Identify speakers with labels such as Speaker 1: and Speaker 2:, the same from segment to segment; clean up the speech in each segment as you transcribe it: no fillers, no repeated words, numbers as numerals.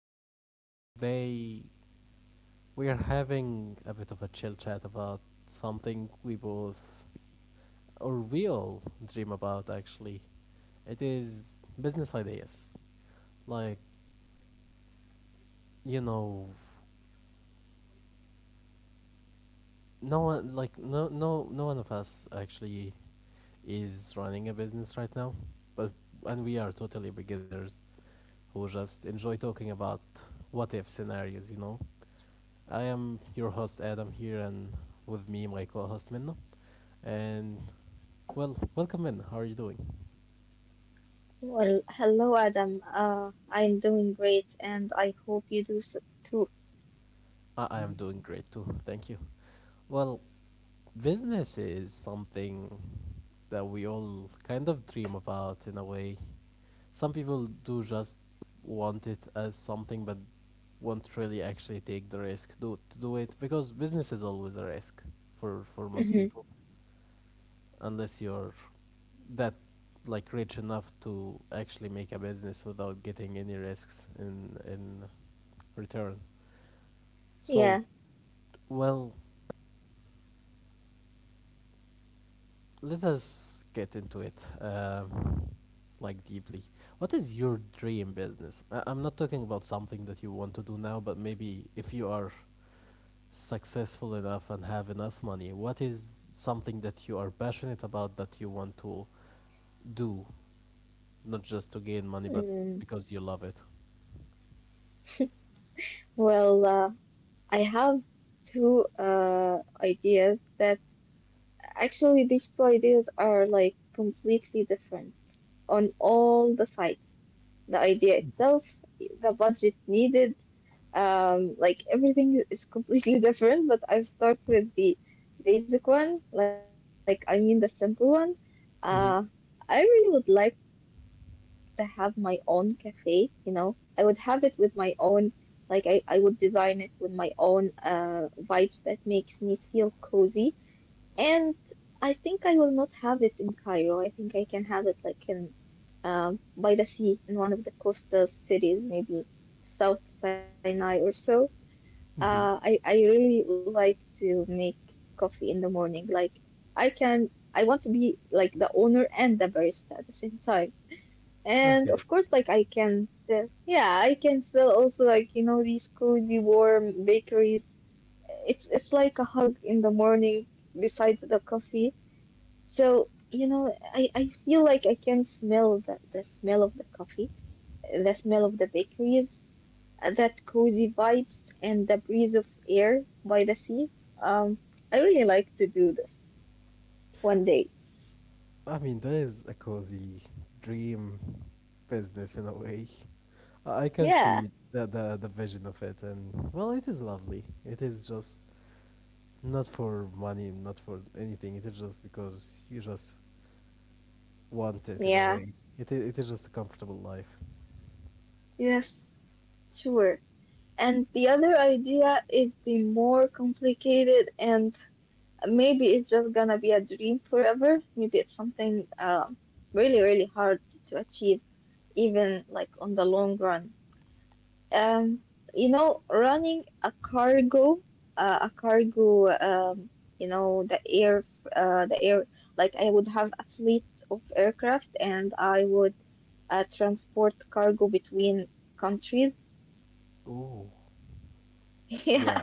Speaker 1: everyone. Today we are having a bit of a chill chat about something we both or we all dream about actually. It is business ideas. Like, you know, no one no one of us actually is running a business right now, but and we are totally beginners who just enjoy talking about what if scenarios. I am your host Adam here and with me my co-host Minna. And well, welcome in. How are you doing?
Speaker 2: Well, hello Adam. I'm doing great, and I hope you do so too.
Speaker 1: I am doing great too. Thank you. Well, business is something that we all kind of dream about in a way. Some people do just want it as something but won't really actually take the risk to do it because business is always a risk for most
Speaker 2: Mhm.
Speaker 1: people unless you're that like rich enough to actually make a business without getting any risks in return. So
Speaker 2: Yeah.
Speaker 1: well, let us get into it, like deeply. What is your dream business? I'm not talking about something that you want to do now, but maybe if you are successful enough and have enough money, what is something that you are passionate about that you want to do, not just to gain money, but
Speaker 2: Mm.
Speaker 1: because you love it?
Speaker 2: Well, uh, I have two ideas that actually these two ideas are like completely different on all the sides. The idea itself, the budget needed, like everything is completely different, but I'll start with the basic one, like I mean the simple one. Uh,
Speaker 1: Mm-hmm.
Speaker 2: I really would like to have my own cafe, you know. I would have it with my own, like I would design it with my own vibes that makes me feel cozy. And I think I will not have it in Cairo. I think I can have it like in by the sea in one of the coastal cities, maybe South Sinai or so. Uh,
Speaker 1: Mm-hmm.
Speaker 2: I I really like to make coffee in the morning. Like I can, I want to be like the owner and the barista at the same time. And
Speaker 1: Okay.
Speaker 2: of course, like I can sell, yeah, I can sell also like these cozy warm bakeries. It's like a hug in the morning besides the coffee. So I feel like I can smell the smell of the coffee, the smell of the bakeries that cozy vibes and the breeze of air by the sea. Um, I really like to do this one day.
Speaker 1: I mean, that is a cozy dream business in a way. I can
Speaker 2: Yeah,
Speaker 1: see the, the vision of it, and well, it is lovely. It is just not for money, not for anything. It is just because you just want it in a
Speaker 2: yeah,
Speaker 1: way. It is just a comfortable life.
Speaker 2: yes, sure. And the other idea is the more complicated, and maybe it's just gonna be a dream forever. Maybe it's something, really, really hard to achieve, even like on the long run. Um, you know, running a cargo, you know, the air, like I would have a fleet of aircraft and I would transport cargo between countries.
Speaker 1: Ooh,
Speaker 2: Yeah,
Speaker 1: yeah,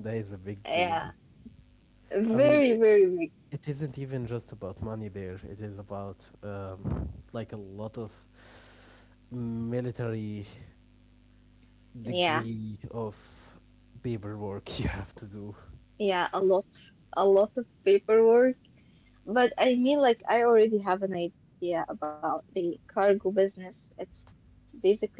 Speaker 1: that is a big
Speaker 2: yeah,
Speaker 1: dream. I mean,
Speaker 2: very, very big.
Speaker 1: it isn't even just about money. There, it is about like a lot of military
Speaker 2: Yeah,
Speaker 1: degree of paperwork you have to do.
Speaker 2: yeah, a lot of paperwork. But I mean, like, I already have an idea about the cargo business. It's basically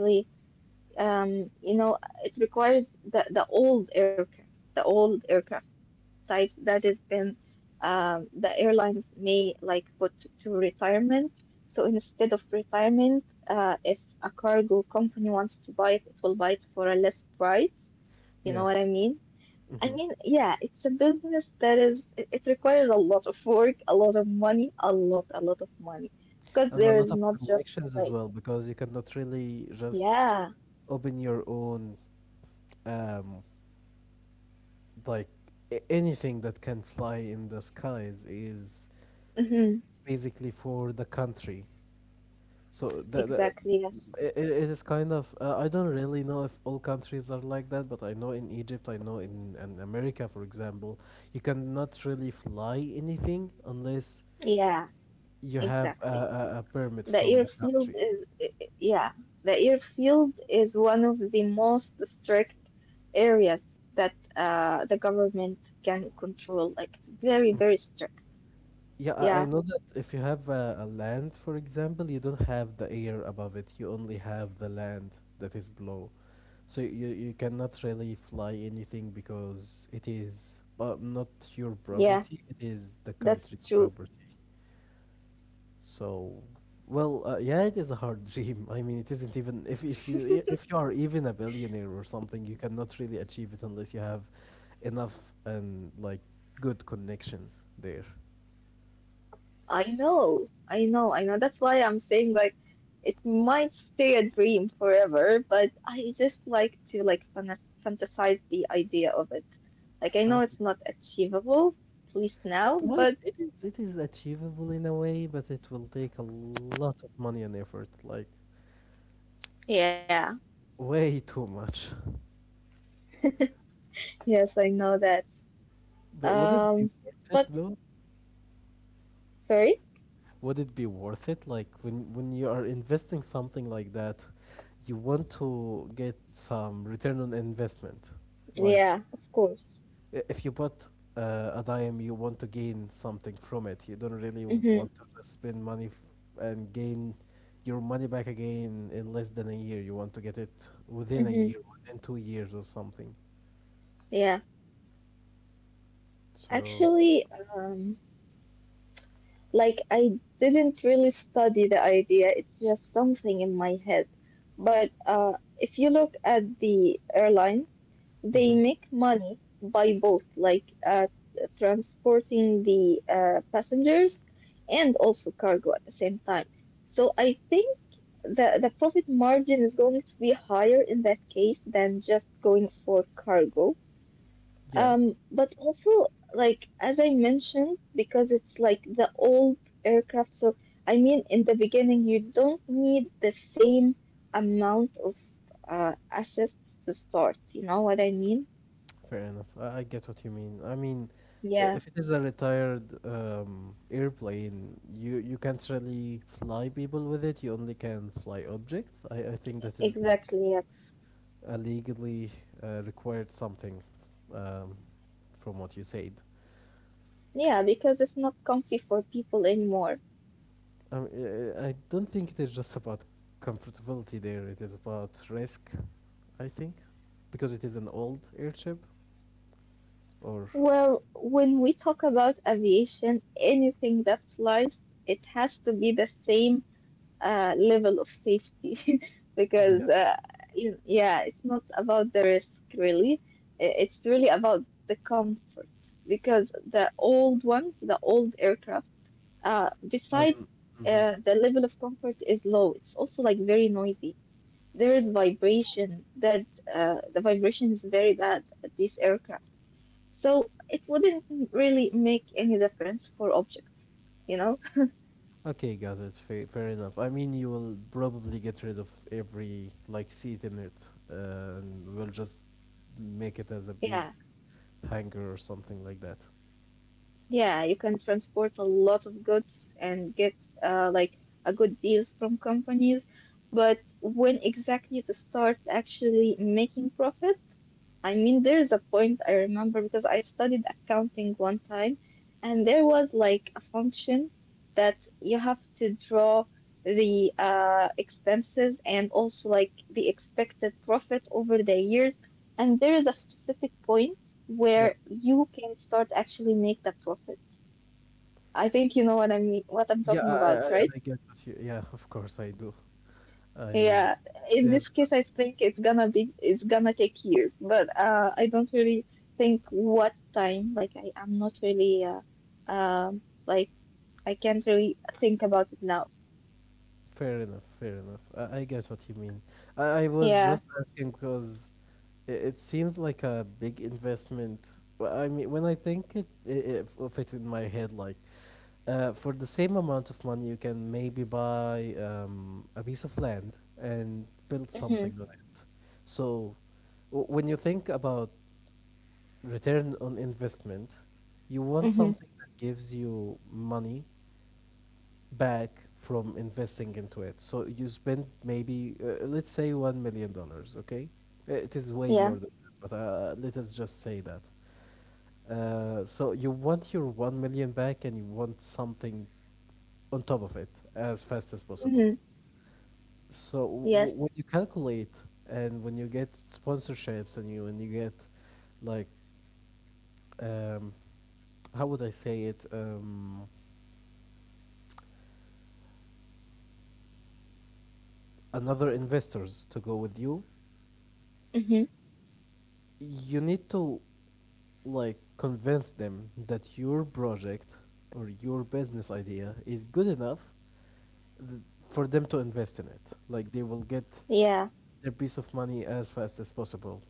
Speaker 2: um, you know, it requires the old aircraft, the old aircraft types that has been, the airlines may like put to retirement. So instead of retirement, if a cargo company wants to buy it, it will buy it for a less price. You know what I
Speaker 1: Yeah.
Speaker 2: mean? I
Speaker 1: hmm
Speaker 2: mean, yeah, it's a business that is, it requires a lot of work, a lot of money, a lot of money. Because
Speaker 1: and a
Speaker 2: there
Speaker 1: lot
Speaker 2: is
Speaker 1: of
Speaker 2: not just
Speaker 1: connections as
Speaker 2: like,
Speaker 1: well because you cannot really just
Speaker 2: yeah,
Speaker 1: open your own um like anything that can fly in the skies is
Speaker 2: hmm
Speaker 1: basically for the country. So the, the
Speaker 2: exactly, yes.
Speaker 1: it, it is kind of I don't really know if all countries are like that, but I know in Egypt, I know in America, for example, you cannot really fly anything unless
Speaker 2: Yeah,
Speaker 1: you have
Speaker 2: exactly.
Speaker 1: a permit
Speaker 2: The
Speaker 1: from the
Speaker 2: airfield
Speaker 1: country.
Speaker 2: is, yeah, the airfield is one of the most strict areas that the government can control. Like, it's very, very strict.
Speaker 1: Yeah, I know
Speaker 2: Yeah,
Speaker 1: that if you have a land, for example, you don't have the air above it. You only have the land that is below. So you cannot really fly anything because it is not your
Speaker 2: yeah,
Speaker 1: property, it is the
Speaker 2: that's
Speaker 1: country's
Speaker 2: true.
Speaker 1: property. So, well, yeah, it is a hard dream. I mean, it isn't even if you are even a billionaire or something, you cannot really achieve it unless you have enough and like good connections there.
Speaker 2: I know, I know, I know. That's why I'm saying, like, it might stay a dream forever, but I just like to, like, fantasize the idea of it. Like, I
Speaker 1: Uh,
Speaker 2: know it's not achievable, at least
Speaker 1: It
Speaker 2: now,
Speaker 1: might,
Speaker 2: but.
Speaker 1: it is achievable in a way, but it will take a lot of money and effort, like
Speaker 2: Yeah.
Speaker 1: way too much.
Speaker 2: Yes, I know that.
Speaker 1: But would it be
Speaker 2: Um,
Speaker 1: worth it
Speaker 2: but
Speaker 1: though?
Speaker 2: sorry.
Speaker 1: Would it be worth it? Like when you are investing something like that, you want to get some return on investment. Like
Speaker 2: Yeah, of course.
Speaker 1: If you put a dime, you want to gain something from it. You don't really
Speaker 2: Mm-hmm.
Speaker 1: want to just spend money and gain your money back again in less than a year. You want to get it within a
Speaker 2: Mm-hmm.
Speaker 1: year, within 2 years or something.
Speaker 2: Yeah.
Speaker 1: So,
Speaker 2: Actually, um. Like, I didn't really study the idea, it's just something in my head. But if you look at the airlines, they
Speaker 1: mhm.
Speaker 2: make money by both, like transporting the passengers and also cargo at the same time. So I think the profit margin is going to be higher in that case than just going for cargo.
Speaker 1: Yeah,
Speaker 2: But also, like, as I mentioned, because it's like the old aircraft, so I mean, in the beginning, you don't need the same amount of assets to start. You know what I mean?
Speaker 1: fair enough. I get what you mean. I mean,
Speaker 2: Yeah,
Speaker 1: if it is a retired airplane, you can't really fly people with it. You only can fly objects. I think that is
Speaker 2: exactly. Yes.
Speaker 1: legally required something, um, from what you said.
Speaker 2: Yeah, because it's not comfy for people anymore.
Speaker 1: Mean, I don't think it is just about comfortability there, it is about risk, I think, because it is an old airship, or
Speaker 2: Well, when we talk about aviation, anything that flies, it has to be the same level of safety because
Speaker 1: yeah.
Speaker 2: yeah, it's not about the risk really. I- It's really about the comfort because the old ones, the old aircraft, uh, besides
Speaker 1: Um,
Speaker 2: uh,
Speaker 1: mhm.
Speaker 2: the level of comfort is low. It's also like very noisy. There is vibration that the vibration is very bad at these aircraft. So it wouldn't really make any difference for objects, you know?
Speaker 1: Okay, got it. Fair enough. I mean, you will probably get rid of every like seat in it, and we'll just make it as a big
Speaker 2: Yeah.
Speaker 1: hangar or something like that.
Speaker 2: Yeah, you can transport a lot of goods and get uh, like a good deals from companies. But when exactly to start actually making profit? I mean, there's a point I remember because I studied accounting one time, and there was like a function that you have to draw the expenses and also like the expected profit over the years. And there is a specific point
Speaker 1: Yeah.
Speaker 2: where you can start actually make the profit. I think you know what I mean, what I'm
Speaker 1: Yeah,
Speaker 2: talking about, right?
Speaker 1: I get what you. Yeah, of course I do. I
Speaker 2: Yeah. In this
Speaker 1: that's
Speaker 2: case, I think it's gonna take years, but I don't really think what time. I'm not really, um, like, I can't really think about it now.
Speaker 1: Fair enough, I get what you mean. I was
Speaker 2: Yeah.
Speaker 1: just asking because it seems like a big investment. Well, I mean, when I think it, it, it of it in my head, like for the same amount of money, you can maybe buy a piece of land and build
Speaker 2: Mhm.
Speaker 1: something on it. So when you think about return on investment, you want
Speaker 2: Mhm.
Speaker 1: something that gives you money back from investing into it. So you spend maybe, let's say, $1 million, dollars, okay? It is way
Speaker 2: Yeah.
Speaker 1: more than that, but let us just say that. So you want your 1 million back and you want something on top of it as fast as possible.
Speaker 2: Mhm.
Speaker 1: So when you
Speaker 2: Yes.
Speaker 1: calculate and when you get sponsorships and you when you get like um, how would I say it another investors to go with you,
Speaker 2: Mhm.
Speaker 1: you need to like convince them that your project or your business idea is good enough for them to invest in it. Like they will get
Speaker 2: Yeah.
Speaker 1: their piece of money as fast as possible.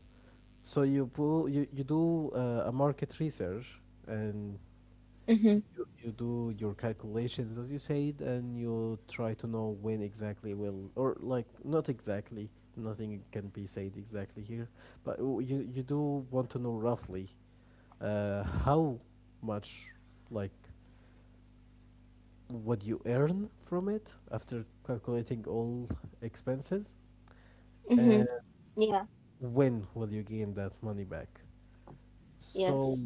Speaker 1: So you, you do a market research and
Speaker 2: Mhm.
Speaker 1: you do your calculations as you said, and you try to know when exactly will, or like not exactly, nothing can be said exactly here, but you you do want to know roughly, how much, like, what you earn from it after calculating all expenses,
Speaker 2: Mhm.
Speaker 1: and
Speaker 2: Yeah.
Speaker 1: when will you gain that money back?
Speaker 2: Yes.
Speaker 1: So,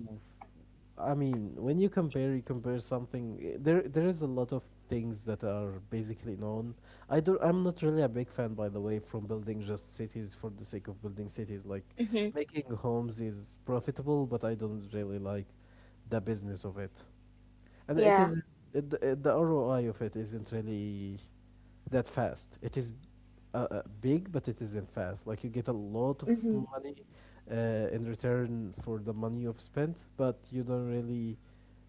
Speaker 1: I mean, when you compare something. There is a lot of things that are basically known. I don't. I'm not really a big fan, by the way, from building just cities for the sake of building cities. Like,
Speaker 2: Mhm.
Speaker 1: making homes is profitable, but I don't really like the business of it, and
Speaker 2: Yeah.
Speaker 1: the ROI of it isn't really that fast. It is big, but it isn't fast. Like you get a lot of
Speaker 2: Mhm.
Speaker 1: money in return for the money you've spent, but you don't really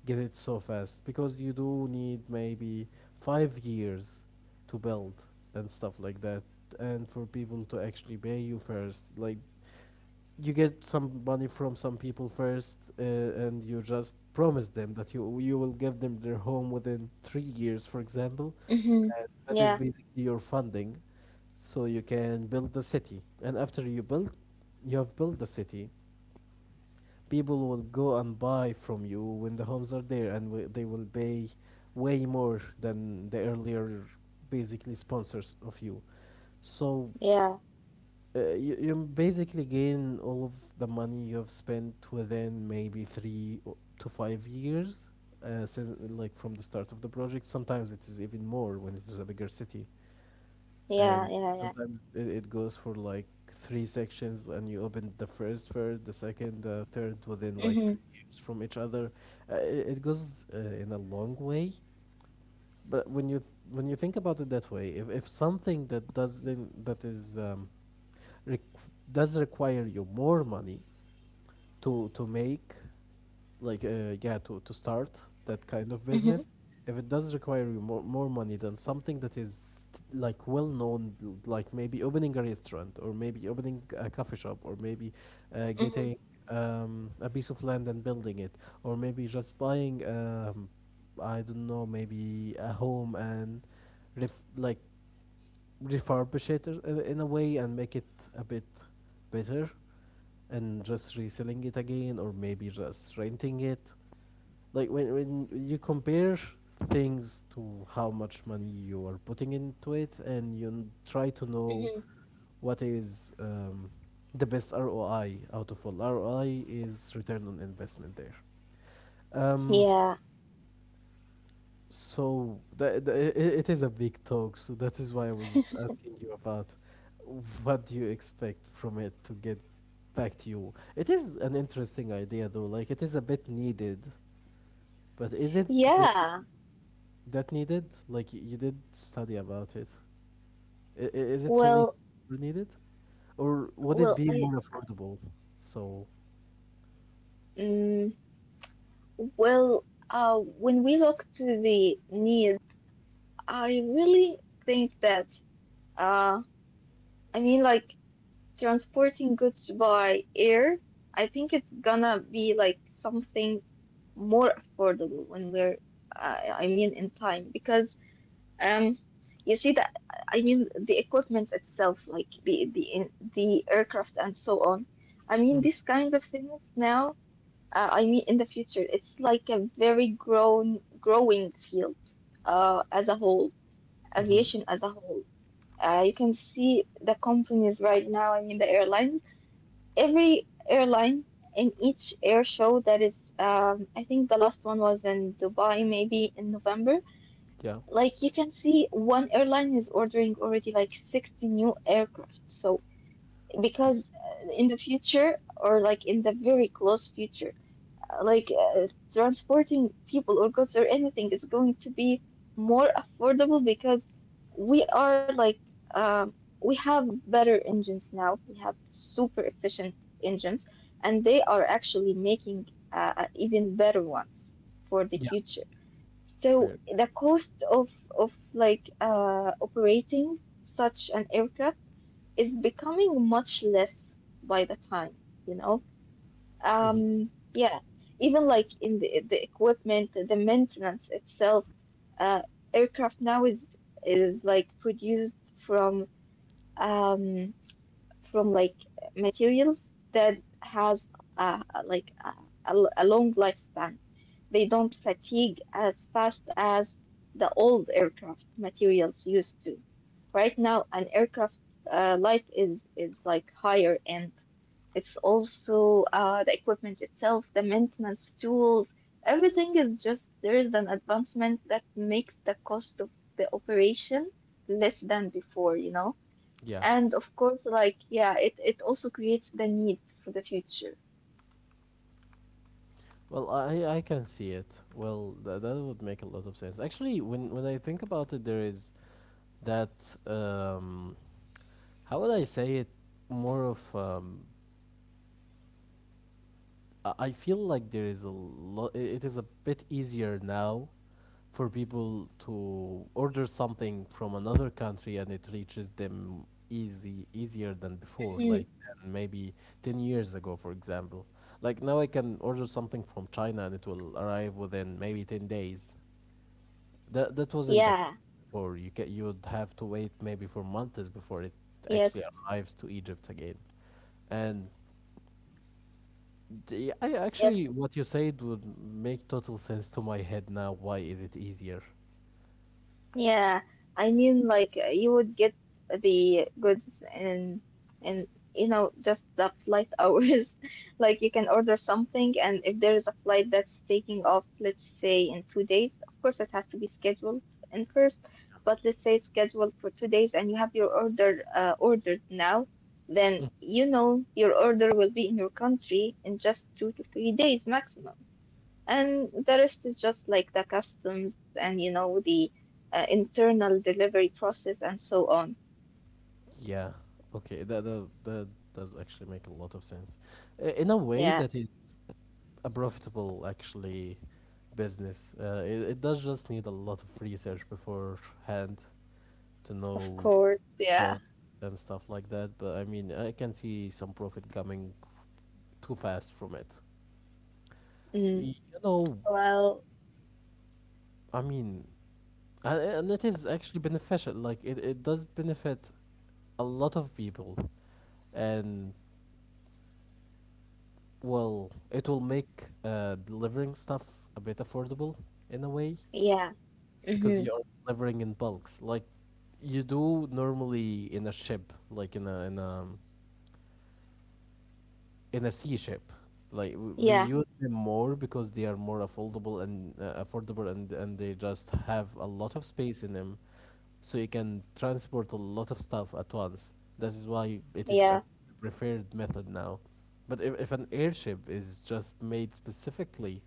Speaker 1: get it so fast because you do need maybe 5 years to build and stuff like that, and for people to actually pay you first. Like you get some money from some people first, and you just promise them that you will give them their home within 3 years, for example,
Speaker 2: Mhm.
Speaker 1: and that is
Speaker 2: Yeah.
Speaker 1: basically your funding, so you can build the city. And after you build, you have built the city. People will go and buy from you when the homes are there, and they will pay way more than the earlier, basically sponsors of you. So
Speaker 2: Yeah.
Speaker 1: you basically gain all of the money you've spent within maybe three o- to 5 years, since like from the start of the project. Sometimes it is even more when it is a bigger city, and
Speaker 2: Yeah. Yeah. Yeah.
Speaker 1: sometimes it goes for like three sections and you open the first, the second, the third within like three
Speaker 2: Mhm.
Speaker 1: years from each other. Uh, it goes in a long way, but when you think about it that way, if something that doesn't that is req- does require you more money to make like to start that kind of
Speaker 2: Mhm.
Speaker 1: business, if it does require you more money than something that is like well known, like maybe opening a restaurant or maybe opening a coffee shop or maybe
Speaker 2: Mhm.
Speaker 1: getting a piece of land and building it, or maybe just buying I don't know, maybe a home and ref- like refurbish it in a way and make it a bit better and just reselling it again or maybe
Speaker 2: Yes.
Speaker 1: just renting it. Like when you compare things to how much money you are putting into it and you try to
Speaker 2: hmm
Speaker 1: know what is the best ROI out of all ROI is return on investment there um.
Speaker 2: Yeah.
Speaker 1: So that, it is a big talk, so that is why I was asking you about what do you expect from it to get back to you. It is an interesting idea though, like it is a bit needed, but is it really
Speaker 2: Yeah.
Speaker 1: that needed? Like you did study about it. I- i- Is it really
Speaker 2: Well,
Speaker 1: super needed? Or would it
Speaker 2: well,
Speaker 1: be
Speaker 2: I,
Speaker 1: more affordable? So,
Speaker 2: mm, well, when we look to the needs, I really think that, uh, I mean, like transporting goods by air, I think it's gonna be like something more affordable when we're, I mean, in time because. Um, you see that I mean the equipment itself, like the the aircraft and so on. I mean these kind of things now. I mean in the future, it's like a very grown growing field. As a whole,
Speaker 1: mm-hmm.
Speaker 2: aviation as a whole. You can see the companies right now. I mean the airlines. Every airline in each air show that is. I think the last one was in Dubai, maybe in November,
Speaker 1: Yeah.
Speaker 2: like you can see, one airline is ordering already like 60 new aircraft. So, because in the future, or like in the very close future, uh, like uh, transporting people or goods or anything is going to be more affordable because we are like, um, we have better engines now. We have super efficient engines, and they are actually making even better ones for the
Speaker 1: Yeah.
Speaker 2: future. So
Speaker 1: Fair.
Speaker 2: the cost of like operating such an aircraft is becoming much less by the time, you know.
Speaker 1: Hmm.
Speaker 2: Yeah, even like in the equipment, the maintenance itself, uh, aircraft now is like produced from um from like materials that has uh, like uh, a long lifespan. They don't fatigue as fast as the old aircraft materials used to. Right now, an aircraft life is like higher. And it's also the equipment itself, the maintenance tools, everything is just there is an advancement that makes the cost of the operation less than before, you know?
Speaker 1: Yeah.
Speaker 2: And of course, like, yeah, it also creates the need for the future.
Speaker 1: Well, I can see it. Well, that would make a lot of sense. Actually, when I think about it, there is that how would I say it more of I feel like there is a lot it is a bit easier now for people to order something from another country and it reaches them easy easier than before,
Speaker 2: Mhm.
Speaker 1: like than maybe 10 years ago, for example. Like now I can order something from China and it will arrive within maybe 10 days. That wasn't the case
Speaker 2: Yeah,
Speaker 1: before. You would have to wait maybe for months before it actually
Speaker 2: yes,
Speaker 1: arrives to Egypt again. And I
Speaker 2: yes.
Speaker 1: actually, what you said would make total sense to my head now. Why is it easier?
Speaker 2: Yeah, I mean, you would get the goods and and you know just the flight hours. Like you can order something, and if there is a flight that's taking off, let's say in two days, of course it has to be scheduled in first. But let's say it's scheduled for two days, and you have your order ordered now, then
Speaker 1: Mm.
Speaker 2: you know your order will be in your country in just two to three days maximum. And the rest is just like the customs and, you know, the internal delivery process and so on.
Speaker 1: Yeah. Okay. That does actually make a lot of sense, in a way
Speaker 2: Yeah,
Speaker 1: that is a profitable actually business. It does just need a lot of research beforehand to
Speaker 2: of
Speaker 1: know
Speaker 2: course. Yeah.
Speaker 1: cost and stuff like that. But I mean, I can see some profit coming too fast from it.
Speaker 2: Mm.
Speaker 1: You know,
Speaker 2: Well,
Speaker 1: I mean, and it is actually beneficial. Like, it does benefit a lot of people. And, well, it will make delivering stuff a bit affordable, in a way,
Speaker 2: yeah.
Speaker 1: because
Speaker 2: Mm-hmm.
Speaker 1: you are delivering in bulks. Like, you do normally in a ship, like in a in a sea shape. Like we
Speaker 2: Yeah.
Speaker 1: use them more because they are more affordable and and they just have a lot of space in them, so you can transport a lot of stuff at once. This is why it is a
Speaker 2: Yeah.
Speaker 1: preferred method now. But if an airship is just made specifically,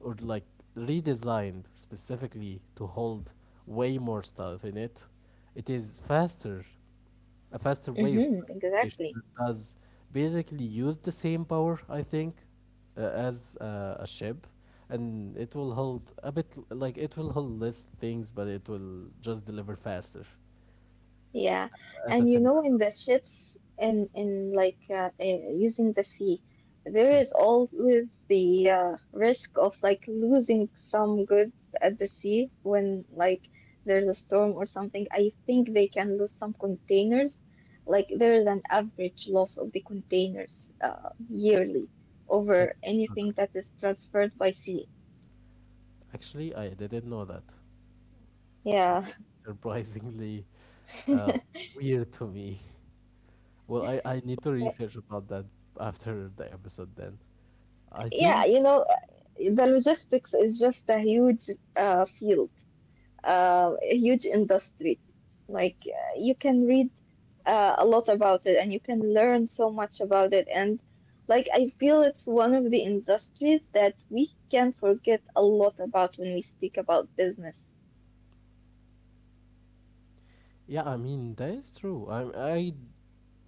Speaker 1: or like redesigned specifically to hold way more stuff in it, it is faster, a faster way of
Speaker 2: Mm-hmm.
Speaker 1: transportation
Speaker 2: Exactly.
Speaker 1: that does basically use the same power, I think, as a ship, and it will hold a bit like it will hold less things, but it will just deliver faster
Speaker 2: Yeah,
Speaker 1: at a
Speaker 2: and you
Speaker 1: similar.
Speaker 2: know, in the ships in using the sea, there is always the risk of like losing some goods at the sea when like there's a storm or something. I think they can lose some containers. Like there is an average loss of the containers yearly
Speaker 1: I didn't
Speaker 2: over
Speaker 1: know that.
Speaker 2: anything that is transferred by sea.
Speaker 1: Actually, I didn't know that.
Speaker 2: Yeah,
Speaker 1: Surprisingly uh, weird to me. Well, I need to research about that after the episode then. I
Speaker 2: yeah,
Speaker 1: think,
Speaker 2: you know, the logistics is just a huge field. A huge industry. Like you can read a lot about it and you can learn so much about it. And like I feel it's one of the industries that we can forget a lot about when we speak about business.
Speaker 1: yeah, I mean, that is true. I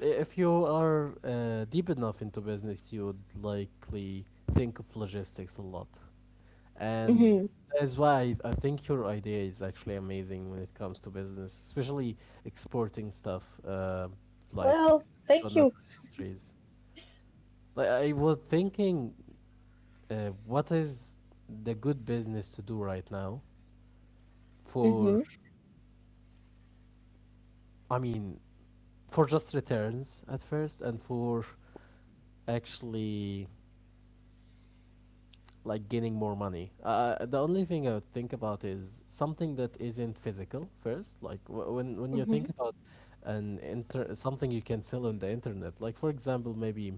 Speaker 1: if you are deep enough into business, you would likely think of logistics a lot. And
Speaker 2: Hmm
Speaker 1: that's why I think your idea is actually amazing when it comes to business, especially exporting stuff like
Speaker 2: Well,
Speaker 1: to
Speaker 2: thank
Speaker 1: another
Speaker 2: you.
Speaker 1: countries. Like I was thinking, what is the good business to do right now for,
Speaker 2: Hmm
Speaker 1: I mean, for just returns at first and for actually like gaining more money. The only thing I would think about is something that isn't physical first. Like when you
Speaker 2: hmm
Speaker 1: think about something you can sell on the internet. Like, for example, maybe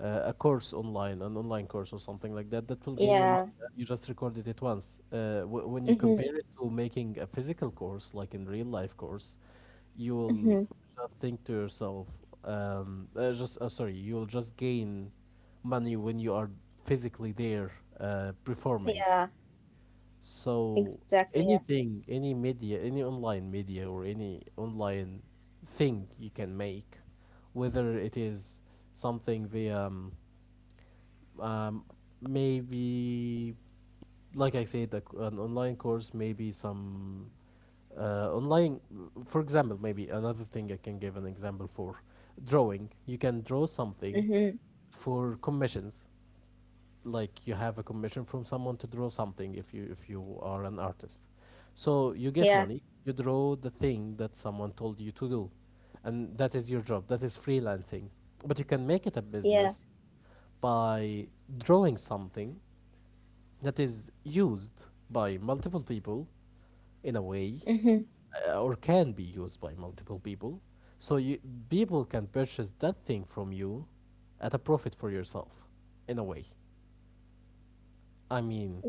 Speaker 1: a course online, an online course or something like that, that will gain you money.
Speaker 2: Yeah.
Speaker 1: And you just recorded it once. When you
Speaker 2: hmm
Speaker 1: compare it to making a physical course, like in real life course, you will
Speaker 2: hmm
Speaker 1: just think to yourself, you will just gain money when you are physically there performing.
Speaker 2: Yeah.
Speaker 1: So
Speaker 2: Exactly. Yeah.
Speaker 1: anything, any media, any online media or any online thing you can make, whether it is something via um, maybe, like I said, a c an online course, maybe some online, for example, maybe another thing I can give an example for: drawing. You can draw something
Speaker 2: hmm
Speaker 1: for commissions. Like you have a commission from someone to draw something if you are an artist, so you get money,
Speaker 2: Yeah.
Speaker 1: you draw the thing that someone told you to do, and that is your job. That is freelancing. But you can make it a business
Speaker 2: Yeah.
Speaker 1: by drawing something that is used by multiple people, in a way,
Speaker 2: hmm
Speaker 1: or can be used by multiple people, so you people can purchase that thing from you at a profit for yourself, in a way, I mean.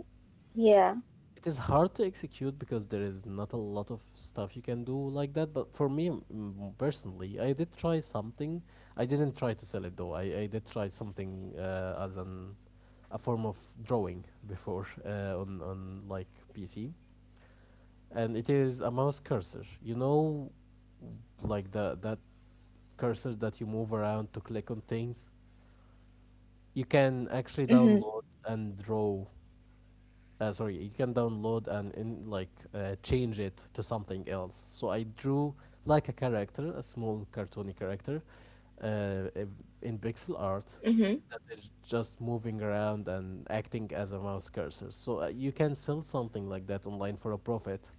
Speaker 2: Yeah.
Speaker 1: It is hard to execute because there is not a lot of stuff you can do like that, but for me, personally, I did try something. I didn't try to sell it though. I did try something as an a form of drawing before on like PC. And it is a mouse cursor, you know, like the that cursor that you move around to click on things. You can
Speaker 2: hmm
Speaker 1: actually download and draw sorry you can download and in like change it to something else. So I drew like a character, a small cartoony character, uh, in pixel
Speaker 2: hmm
Speaker 1: art, that is just moving around and acting as a mouse cursor. So you can sell something like that online for a profit.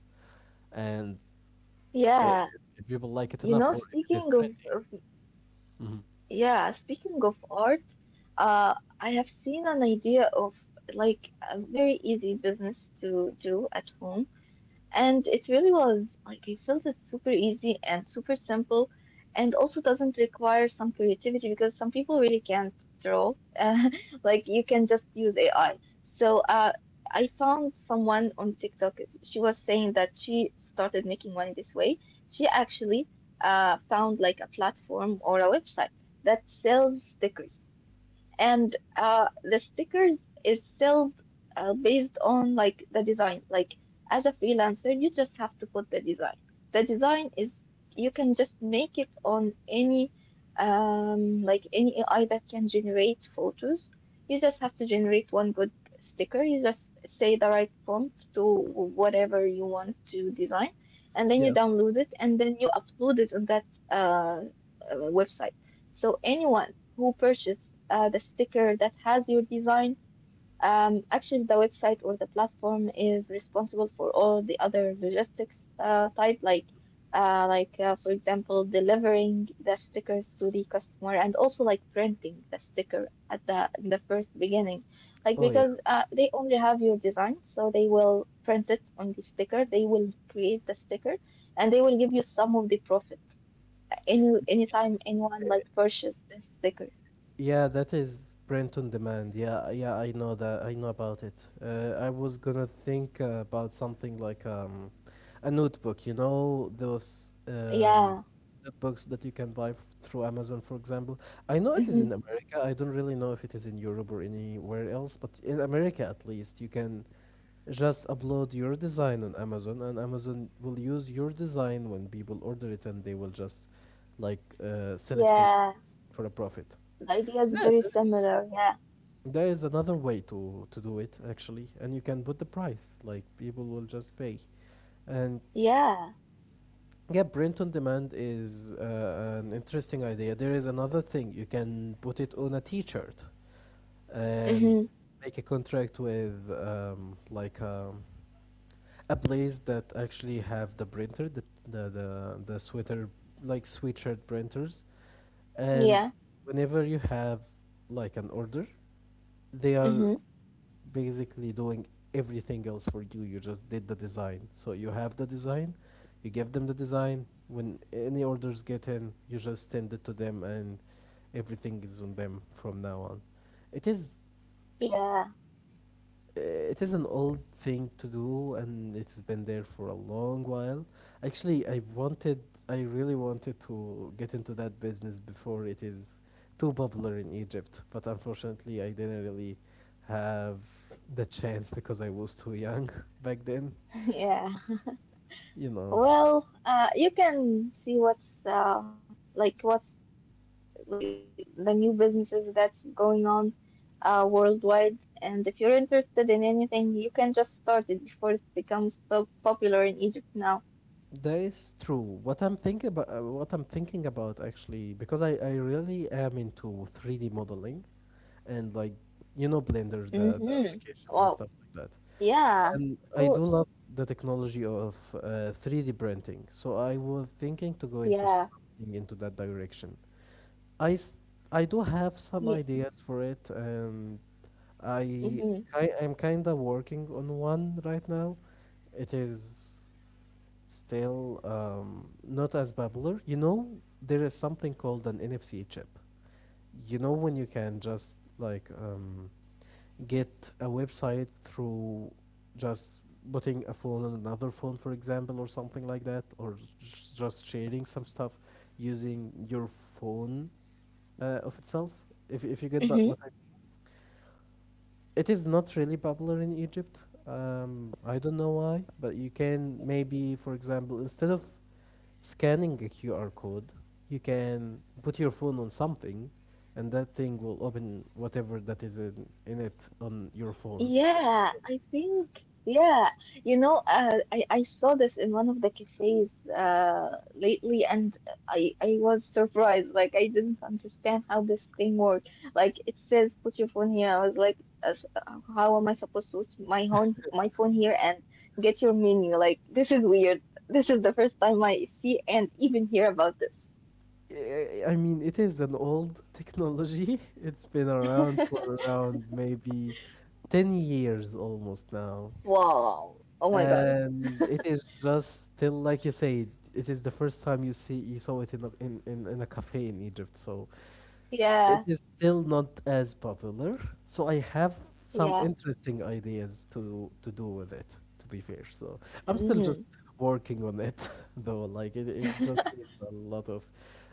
Speaker 1: And
Speaker 2: Yeah,
Speaker 1: uh, if people
Speaker 2: you
Speaker 1: like it
Speaker 2: know,
Speaker 1: enough or if
Speaker 2: speaking
Speaker 1: it is
Speaker 2: of
Speaker 1: trendy. Mhm.
Speaker 2: yeah, speaking of art, uh, I have seen an idea of like a very easy business to do at home. And it really was like I felt it's super easy and super simple and also doesn't require some creativity because some people really can't draw. Uh, like you can just use AI. So I found someone on TikTok. She was saying that she started making money this way. She actually found like a platform or a website that sells stickers and the stickers is still based on like the design, like as a freelancer you just have to put the design. The design is, you can just make it on any like any AI that can generate photos. You just have to generate one good sticker. You just say the right prompt to whatever you want to design, and then you
Speaker 1: Yeah.
Speaker 2: download it, and then you upload it on that uh, website. So anyone who purchased the sticker that has your design. Actually, the website or the platform is responsible for all the other logistics type, like for example, delivering the stickers to the customer, and also like printing the sticker at the in the first beginning, like
Speaker 1: Oh yeah.
Speaker 2: because they only have your design, so they will print it on the sticker. They will create the sticker, and they will give you some of the profit anytime anyone like purchase this sticker.
Speaker 1: Yeah, that is print on demand. Yeah, yeah, I know that. I know about it. I was gonna think about something like a notebook. You know those
Speaker 2: Yeah.
Speaker 1: notebooks that you can buy f through Amazon, for example. I know it is in America. I don't really know if it is in Europe or anywhere else, but in America at least, you can just upload your design on Amazon, and Amazon will use your design when people order it, and they will just like sell it for you
Speaker 2: Yeah,
Speaker 1: for a profit.
Speaker 2: the idea is very
Speaker 1: Yeah,
Speaker 2: similar. Yeah,
Speaker 1: there is another way to do it actually, and you can put the price. Like people will just pay. And
Speaker 2: yeah,
Speaker 1: yeah, print on demand is an interesting idea. There is another thing: you can put it on a T-shirt and
Speaker 2: mm-hmm.
Speaker 1: make a contract with a place that actually have the printer, the the sweater, like sweatshirt printers, and
Speaker 2: Yeah,
Speaker 1: whenever you have like an order, they are
Speaker 2: mm-hmm.
Speaker 1: basically doing everything else for you. You just did the design. So you have the design, you give them the design. When any orders get in, you just send it to them and everything is on them from now on. It is
Speaker 2: Yeah,
Speaker 1: it is an old thing to do and it's been there for a long while. Actually I wanted I really wanted to get into that business before it is too popular in Egypt, but unfortunately I didn't really have the chance because I was too young back then,
Speaker 2: yeah.
Speaker 1: you know.
Speaker 2: Well, you can see what's like what's like the new businesses that's going on, worldwide. And if you're interested in anything, you can just start it before it becomes po popular in Egypt now.
Speaker 1: That is true. What I'm thinking about, actually, because I really am into 3D modeling, and like, you know, Blender, the
Speaker 2: Mm-hmm.
Speaker 1: application and
Speaker 2: Wow.
Speaker 1: stuff like that.
Speaker 2: Yeah,
Speaker 1: And
Speaker 2: of
Speaker 1: I do
Speaker 2: course.
Speaker 1: love the technology of 3D printing, so I was thinking to go into
Speaker 2: Yeah.
Speaker 1: something into that direction. I s- I do have some
Speaker 2: Yes.
Speaker 1: ideas for it, and I
Speaker 2: Yeah.
Speaker 1: I am kind of working on one right now. It is still not as popular. You know, there is something called an NFC chip. You know when you can just like get a website
Speaker 2: Mm-hmm.
Speaker 1: through just putting a phone on another phone, for example, or something like that, or just sharing some stuff using your phone of itself. If
Speaker 2: Mm-hmm.
Speaker 1: you get that, what I mean. It is not really popular in Egypt. I don't know why, but you can maybe, for example, instead of scanning a QR code, you can put your phone on something, and that thing will open whatever that is in it on your phone,
Speaker 2: Yeah,
Speaker 1: especially.
Speaker 2: I think yeah. You know, I saw this in one of the cafes lately, and I was surprised. Like I didn't understand how this thing worked. Like it says put your phone here. I was like, as, how am I supposed to put my phone here and get your menu? Like this is weird. This is the first time I see and even hear about this.
Speaker 1: I mean, it is an old technology. It's been around for around maybe 10 years almost now.
Speaker 2: Wow. Oh my God.
Speaker 1: And it is just still like you say. It is the first time you saw it in a, in a cafe in Egypt. So it
Speaker 2: Yeah.
Speaker 1: is still not as popular, so I have some
Speaker 2: Yeah.
Speaker 1: interesting ideas to do with it, to be fair. So I'm still
Speaker 2: Mm-hmm.
Speaker 1: just working on it, though. Like it just needs a lot of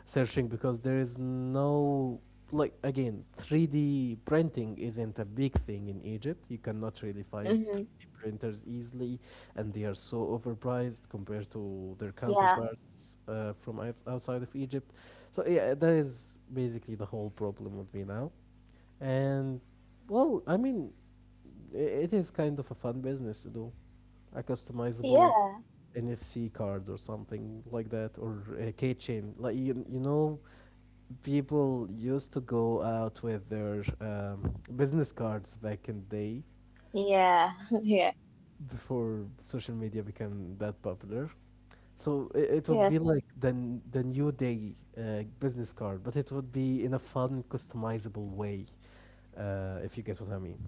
Speaker 1: searching because there is no, like, again, 3D printing isn't a big thing in Egypt. You cannot really find
Speaker 2: Mm-hmm.
Speaker 1: 3D printers easily, and they are so overpriced compared to their
Speaker 2: Yeah.
Speaker 1: counterparts from outside of Egypt. So yeah, that is basically the whole problem with me now. And well, I mean, it is kind of a fun business to do, a customizable
Speaker 2: Yeah,
Speaker 1: NFC card or something like that, or a keychain. Like, you know, people used to go out with their business cards back in the day,
Speaker 2: yeah, yeah,
Speaker 1: before social media became that popular. So it would
Speaker 2: yeah.
Speaker 1: be like the the new day business card, but it would be in a fun, customizable way, if you get what I mean.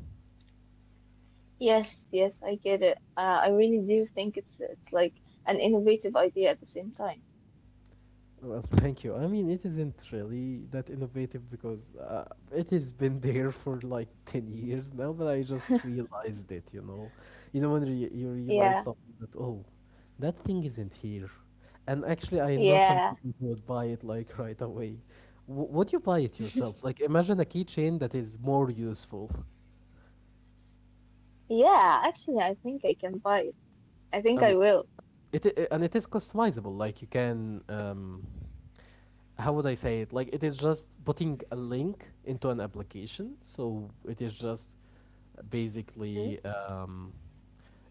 Speaker 2: Yes, yes, I get it. I really do think it's like an innovative idea at the same time.
Speaker 1: Well, thank you. I mean, it isn't really that innovative because it has been there for like 10 years now, but I just realized it. You know when you
Speaker 2: Yeah,
Speaker 1: realize something that, oh, that thing isn't here, and actually I know some
Speaker 2: yeah,
Speaker 1: people who would buy it like right away. Would you buy it yourself? Like imagine a keychain that is more useful.
Speaker 2: yeah. Actually, I think I can buy it. I
Speaker 1: I
Speaker 2: think
Speaker 1: mean,
Speaker 2: I will.
Speaker 1: it, I and it is customizable. Like you can, how would I say it? Like it is just putting a link into an application. So it is just
Speaker 2: Mm-hmm.
Speaker 1: basically,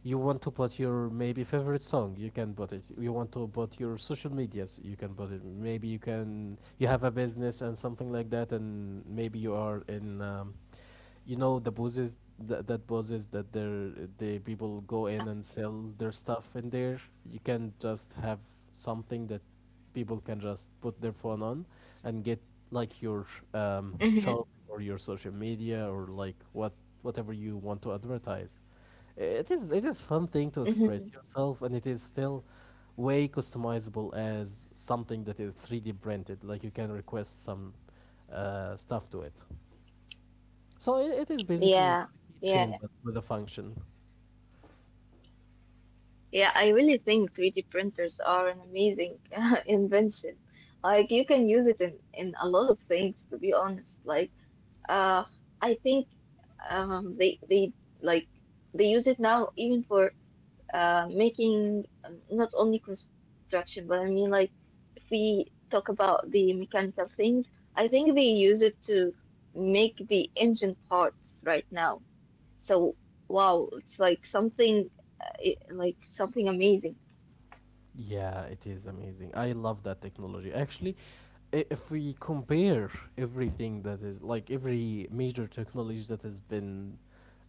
Speaker 1: you want to put your maybe favorite song, you can put it. You want to put your social medias, you can put it. Maybe you have a business and something like that, and maybe you are in. You know the buses that the
Speaker 2: Yeah.
Speaker 1: people go in and sell their stuff in there. You can just have something that people can just put their phone on and get like your
Speaker 2: Mm-hmm.
Speaker 1: shop or your social media or like whatever you want to advertise. It is fun thing to
Speaker 2: Mm-hmm.
Speaker 1: express yourself, and it is still way customizable as something that is 3d printed. Like you can request some stuff to it. So it is basically
Speaker 2: Yeah.
Speaker 1: a
Speaker 2: Yeah.
Speaker 1: keychain, but with a function.
Speaker 2: Yeah. I really think 3D printers are an amazing invention. Like you can use it in a lot of things, to be honest. Like Uh, I think they like they use it now even for making not only construction, but I mean like if we talk about the mechanical things, I think they use it to make the engine parts right now. So wow, it's like something amazing.
Speaker 1: Yeah, it is amazing. I love that technology. Actually, if we compare everything that is like every major technology that has been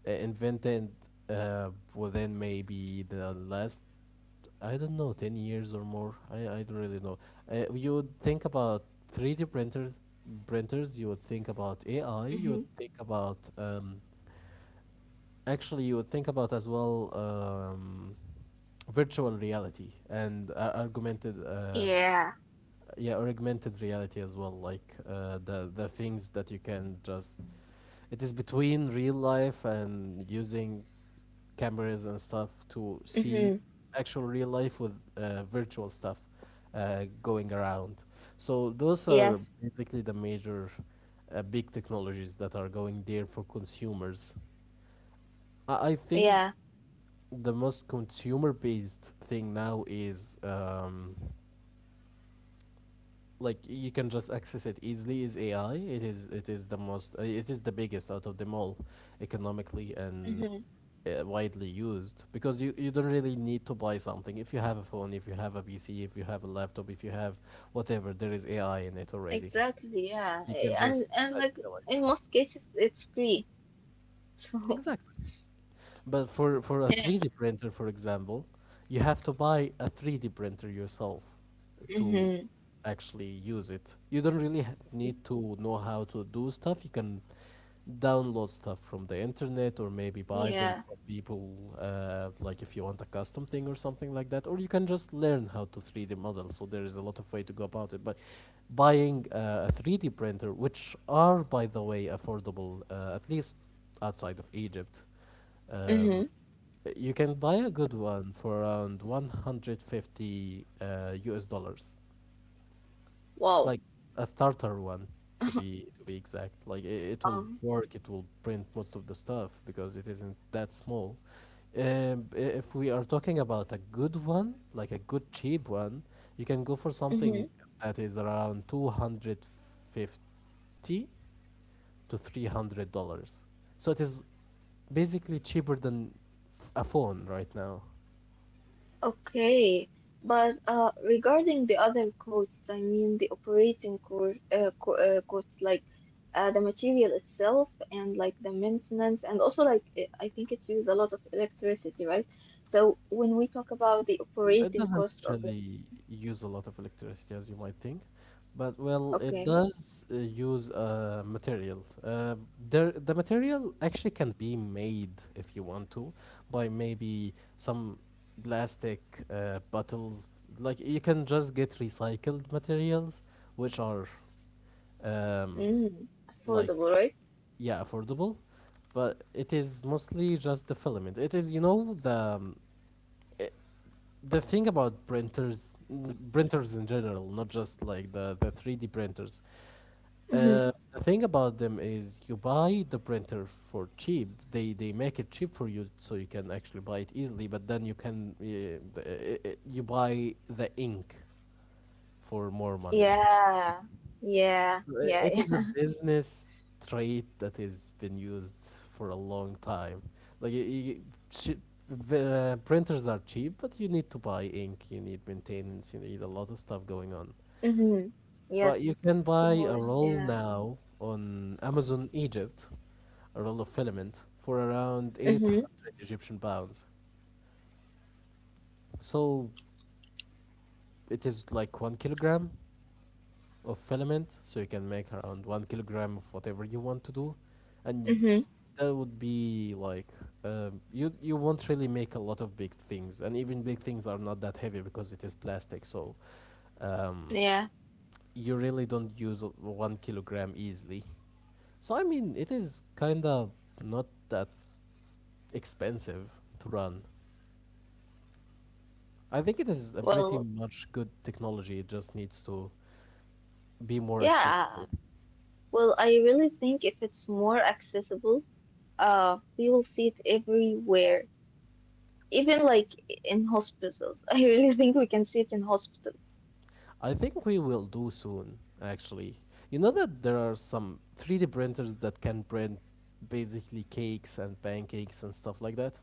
Speaker 1: invented, uh, within maybe the last, I don't know, 10 years or more, I don't really know. You would think about 3D printers, you would think about AI, you
Speaker 2: Hmm.
Speaker 1: would think about, actually, you would think about as well. Virtual reality and augmented
Speaker 2: Yeah.
Speaker 1: yeah augmented reality as well. Like the things that you can just, it is between real life and using cameras and stuff to see
Speaker 2: Mm-hmm.
Speaker 1: actual real life with virtual stuff going around. So those are
Speaker 2: Yes.
Speaker 1: basically the major big technologies that are going there for consumers. I think
Speaker 2: Yeah.
Speaker 1: the most consumer based thing now is, like you can just access it easily, is AI. It is the most it is the biggest out of them all, economically and
Speaker 2: Mm-hmm.
Speaker 1: widely used, because you don't really need to buy something if you have a phone, if you have a PC, if you have a laptop, if you have whatever. There is AI in it already.
Speaker 2: Exactly. Yeah.
Speaker 1: You can just
Speaker 2: And like
Speaker 1: sell it.
Speaker 2: in most cases, it's free. So,
Speaker 1: Exactly. But for a
Speaker 2: yeah.
Speaker 1: 3D printer, for example, you have to buy a 3D printer yourself to
Speaker 2: Hmm.
Speaker 1: actually use it. You don't really need to know how to do stuff. You can download stuff from the internet or maybe buy them
Speaker 2: Yeah.
Speaker 1: from people like if you want a custom thing or something like that, or you can just learn how to 3D model. So there is a lot of way to go about it. But buying a 3D printer, which are by the way affordable at least outside of Egypt.
Speaker 2: Hmm.
Speaker 1: Um, you can buy a good one for around 150 US dollars.
Speaker 2: Wow.
Speaker 1: Like a starter one, to be exact. Like
Speaker 2: Um,
Speaker 1: it will work, it will print most of the stuff because it isn't that small. If we are talking about a good one, like a good cheap one, you can go for
Speaker 2: mhm.
Speaker 1: something that is around 250 to $300. So it is basically cheaper than a phone right now.
Speaker 2: Okay. But regarding the other costs, I mean the operating co co costs, like the material itself and like the maintenance, and also like I think it used a lot of electricity, right? So when we talk about the
Speaker 1: It
Speaker 2: operating
Speaker 1: doesn't
Speaker 2: cost of it,
Speaker 1: really use a lot of electricity as you might think, but well, it
Speaker 2: okay,
Speaker 1: does use material. The material actually can be made if you want to, by maybe some plastic bottles. Like you can just get recycled materials, which are, um,
Speaker 2: mm,
Speaker 1: like
Speaker 2: affordable, right?
Speaker 1: yeah, affordable, but it is mostly just the filament. It is, you know, the i- the thing about printers in general, not just like the 3d printers.
Speaker 2: Hmm.
Speaker 1: The thing about them is, you buy the printer for cheap, they make it cheap for you so you can actually buy it easily, but then you buy the ink for more money.
Speaker 2: Yeah. Yeah. Yeah.
Speaker 1: It is a
Speaker 2: Yeah.
Speaker 1: business trait that has been used for a long time. Like chi- the printers are cheap, but you need to buy ink, you need maintenance, you need a lot of stuff going on.
Speaker 2: Mm-hmm.
Speaker 1: But you
Speaker 2: Yes,
Speaker 1: can
Speaker 2: of
Speaker 1: buy a
Speaker 2: course.
Speaker 1: roll
Speaker 2: Yeah.
Speaker 1: now on Amazon Egypt, a roll of filament, for around
Speaker 2: Mm-hmm.
Speaker 1: 800 Egyptian pounds. So it is like 1 kilogram of filament, so you can make around 1 kilogram of whatever you want to do, and y-
Speaker 2: Mm-hmm.
Speaker 1: that would be like, you you won't really make a lot of big things, and even big things are not that heavy because it is plastic, so um,
Speaker 2: Yeah.
Speaker 1: you really don't use 1 kilogram easily. So I mean, it is kind of not that expensive to run. I think it is a pretty
Speaker 2: Well,
Speaker 1: much good technology, it just needs to be more
Speaker 2: yeah.
Speaker 1: accessible.
Speaker 2: Well, I really think if it's more accessible, we will see it everywhere. Even like in hospitals. I really think we can see it in hospitals.
Speaker 1: I think we will do soon, actually. You know that there are some 3D printers that can print basically cakes and pancakes and stuff like that?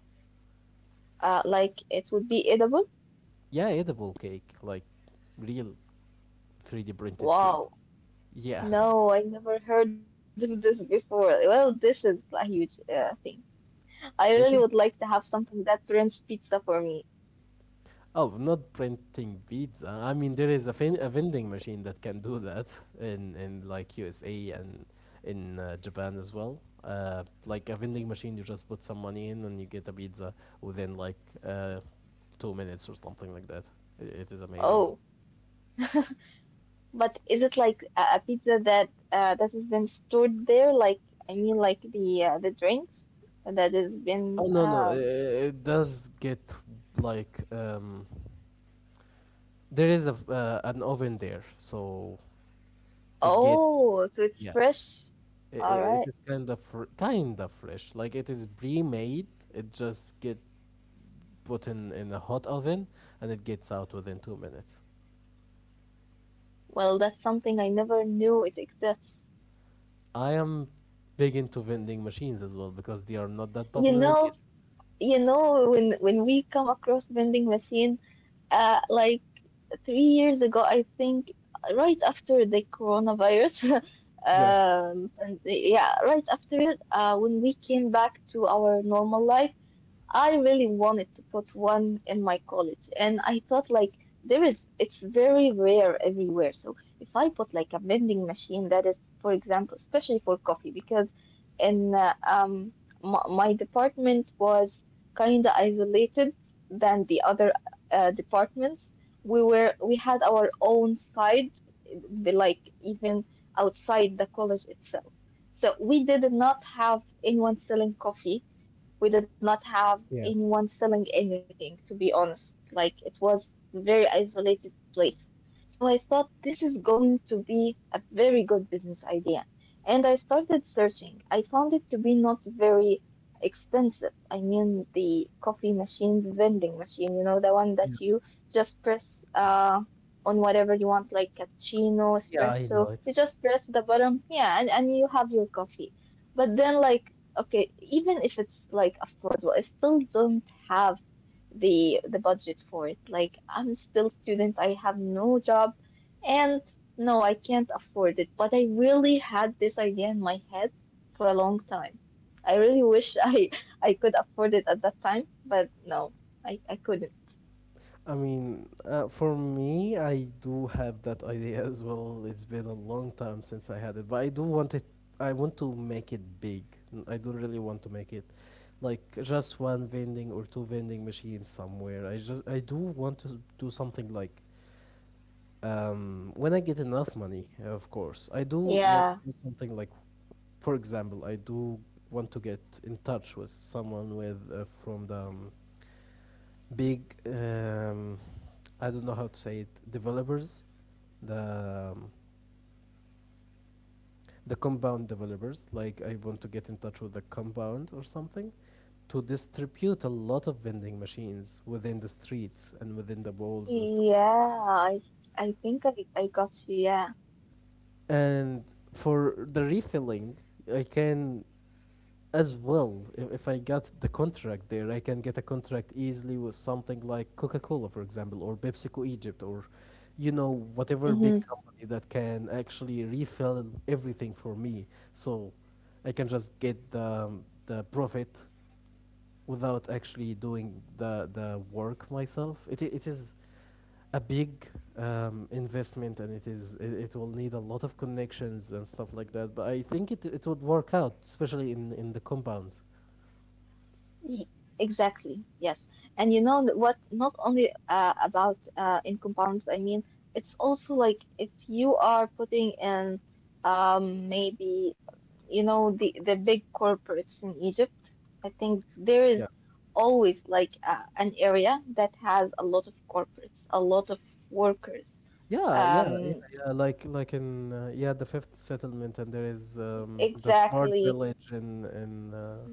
Speaker 2: Like it would be edible.
Speaker 1: Yeah, edible cake, like real 3D printed
Speaker 2: Wow.
Speaker 1: cakes. Yeah,
Speaker 2: No, I never heard of this before. Well, this is a huge thing. I really would
Speaker 1: it is.
Speaker 2: like to have something that brings pizza for me.
Speaker 1: Oh, not printing pizza. I mean, there is a, a vending machine that can do that in like USA and in Japan as well. Like a vending machine, you just put some money in and you get a pizza within like uh, 2 minutes or something like that. It is amazing.
Speaker 2: Oh. But is it like a pizza that that has been stored there? Like I mean, like the drinks that has been.
Speaker 1: Oh no no, it does get like, there is a an oven there, so it gets,
Speaker 2: Oh, so it's
Speaker 1: yeah.
Speaker 2: fresh. All
Speaker 1: It
Speaker 2: right.
Speaker 1: is kind of kind of fresh. Like it is pre-made. It just get put in a hot oven and it gets out within 2 minutes.
Speaker 2: Well, that's something I never knew it exists.
Speaker 1: I am big into vending machines as well because they are not that
Speaker 2: You
Speaker 1: popular in
Speaker 2: know,
Speaker 1: Egypt.
Speaker 2: when we come across vending machine, like 3 years ago, I think, right after the coronavirus,
Speaker 1: Yeah,
Speaker 2: and yeah, right after it, when we came back to our normal life, I really wanted to put one in my college, and I thought like there is it's very rare everywhere. So if I put like a vending machine that is, for example, especially for coffee, because in my, my department was kind of isolated than the other departments. We had our own side, like even outside the college itself. So we did not have anyone selling coffee, we did not have
Speaker 1: yeah,
Speaker 2: anyone selling anything, to be honest. Like it was very isolated place. So I thought this is going to be a very good business idea. And I started searching. I found it to be not very expensive. I mean the coffee machines vending machine, you know, the one that you just press on whatever you want, like cappuccino,
Speaker 1: yeah. I
Speaker 2: espresso.
Speaker 1: know it.
Speaker 2: You just press the button, yeah, and you have your coffee. But then like okay, even if it's like affordable, I still don't have the budget for it. Like I'm still student, I have no job, and no, I can't afford it. But I really had this idea in my head for a long time. I really wish I I could afford it at that time, but no, I couldn't.
Speaker 1: I mean, for me, I do have that idea as well. It's been a long time since I had it, but I do want it. I want to make it big. I don't really want to make it like just one vending or two vending machines somewhere. I do want to do something like, when I get enough money, of course. I do want to
Speaker 2: Yeah,
Speaker 1: do something like, for example, I do want to get in touch with someone with from the big I don't know how to say it, developers, the um, the compound developers. Like I want to get in touch with the compound or something to distribute a lot of vending machines within the streets and within the malls and stuff.
Speaker 2: yeah, I I think I got you. Yeah.
Speaker 1: And for the refilling, I can as well. If I got the contract there, I can get a contract easily with something like Coca Cola, for example, or PepsiCo Egypt, or, you know,
Speaker 2: Hmm.
Speaker 1: whatever big company that can actually refill everything for me. So I can just get the profit without actually doing the work myself. It is a big investment, and it will need a lot of connections and stuff like that. But I think it would work out, especially in the compounds.
Speaker 2: Ye- Exactly, yes. And you know n- what? Not only about in compounds, I mean, it's also like if you are putting in maybe, you know, the big corporates in Egypt, I think there is
Speaker 1: Yeah.
Speaker 2: always like an area that has a lot of corporates, a lot of workers.
Speaker 1: Yeah, yeah, yeah,
Speaker 2: Um,
Speaker 1: yeah. Like in the fifth settlement, and there is the smart
Speaker 2: exactly,
Speaker 1: village in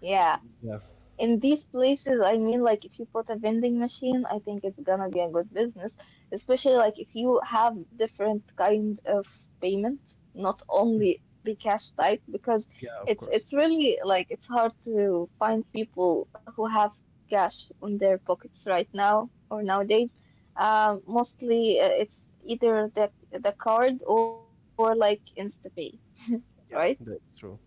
Speaker 2: yeah.
Speaker 1: yeah.
Speaker 2: In these places, I mean, like if you put a vending machine, I think it's gonna be a good business, especially like if you have different kind of payment, not
Speaker 1: Mm.
Speaker 2: only the cash type, because
Speaker 1: Yeah, of course.
Speaker 2: it's really like it's hard to find people who have cash on their pockets right now or nowadays. Mostly it's either the card or like InstaPay, right?
Speaker 1: Yeah, that's true.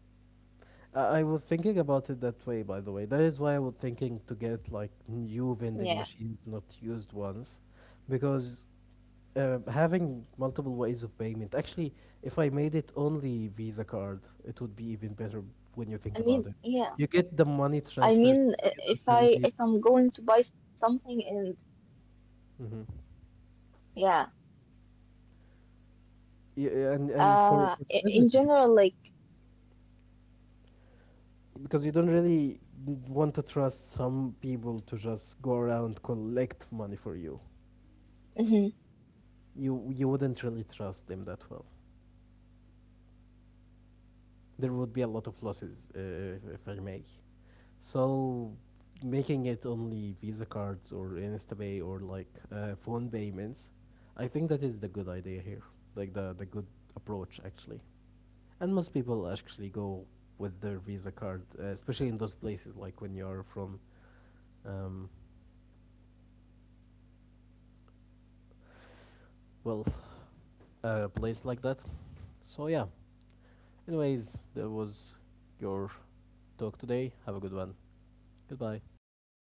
Speaker 1: I was thinking about it that way, by the way. That is why I was thinking to get like
Speaker 2: Yeah.
Speaker 1: new vending machines, not used ones, because having multiple ways of payment. Actually, if I made it only Visa
Speaker 2: Like
Speaker 1: card, it would be even better when you think about
Speaker 2: I
Speaker 1: it.
Speaker 2: mean,
Speaker 1: You
Speaker 2: yeah.
Speaker 1: get the money
Speaker 2: I
Speaker 1: transferred to
Speaker 2: mean,
Speaker 1: you. You don't
Speaker 2: if I
Speaker 1: really need,
Speaker 2: if I'm going to buy something and
Speaker 1: hmm.
Speaker 2: yeah,
Speaker 1: Yeah, and for the
Speaker 2: in
Speaker 1: businesses, it's
Speaker 2: general,
Speaker 1: good
Speaker 2: like,
Speaker 1: because you don't really want to trust some people to just go around collect money for you.
Speaker 2: mhm,
Speaker 1: You wouldn't really trust them that well. There would be a lot of losses, if I may. So making it only Visa cards or InstaPay or like phone payments, I think that is the good idea here, like the
Speaker 2: yeah.
Speaker 1: good approach, actually. And most people actually go with their Visa card, especially in those places, like when you're from, um, wealth, a place like that. So yeah. Anyways, that was your talk today. Have a good one. Goodbye.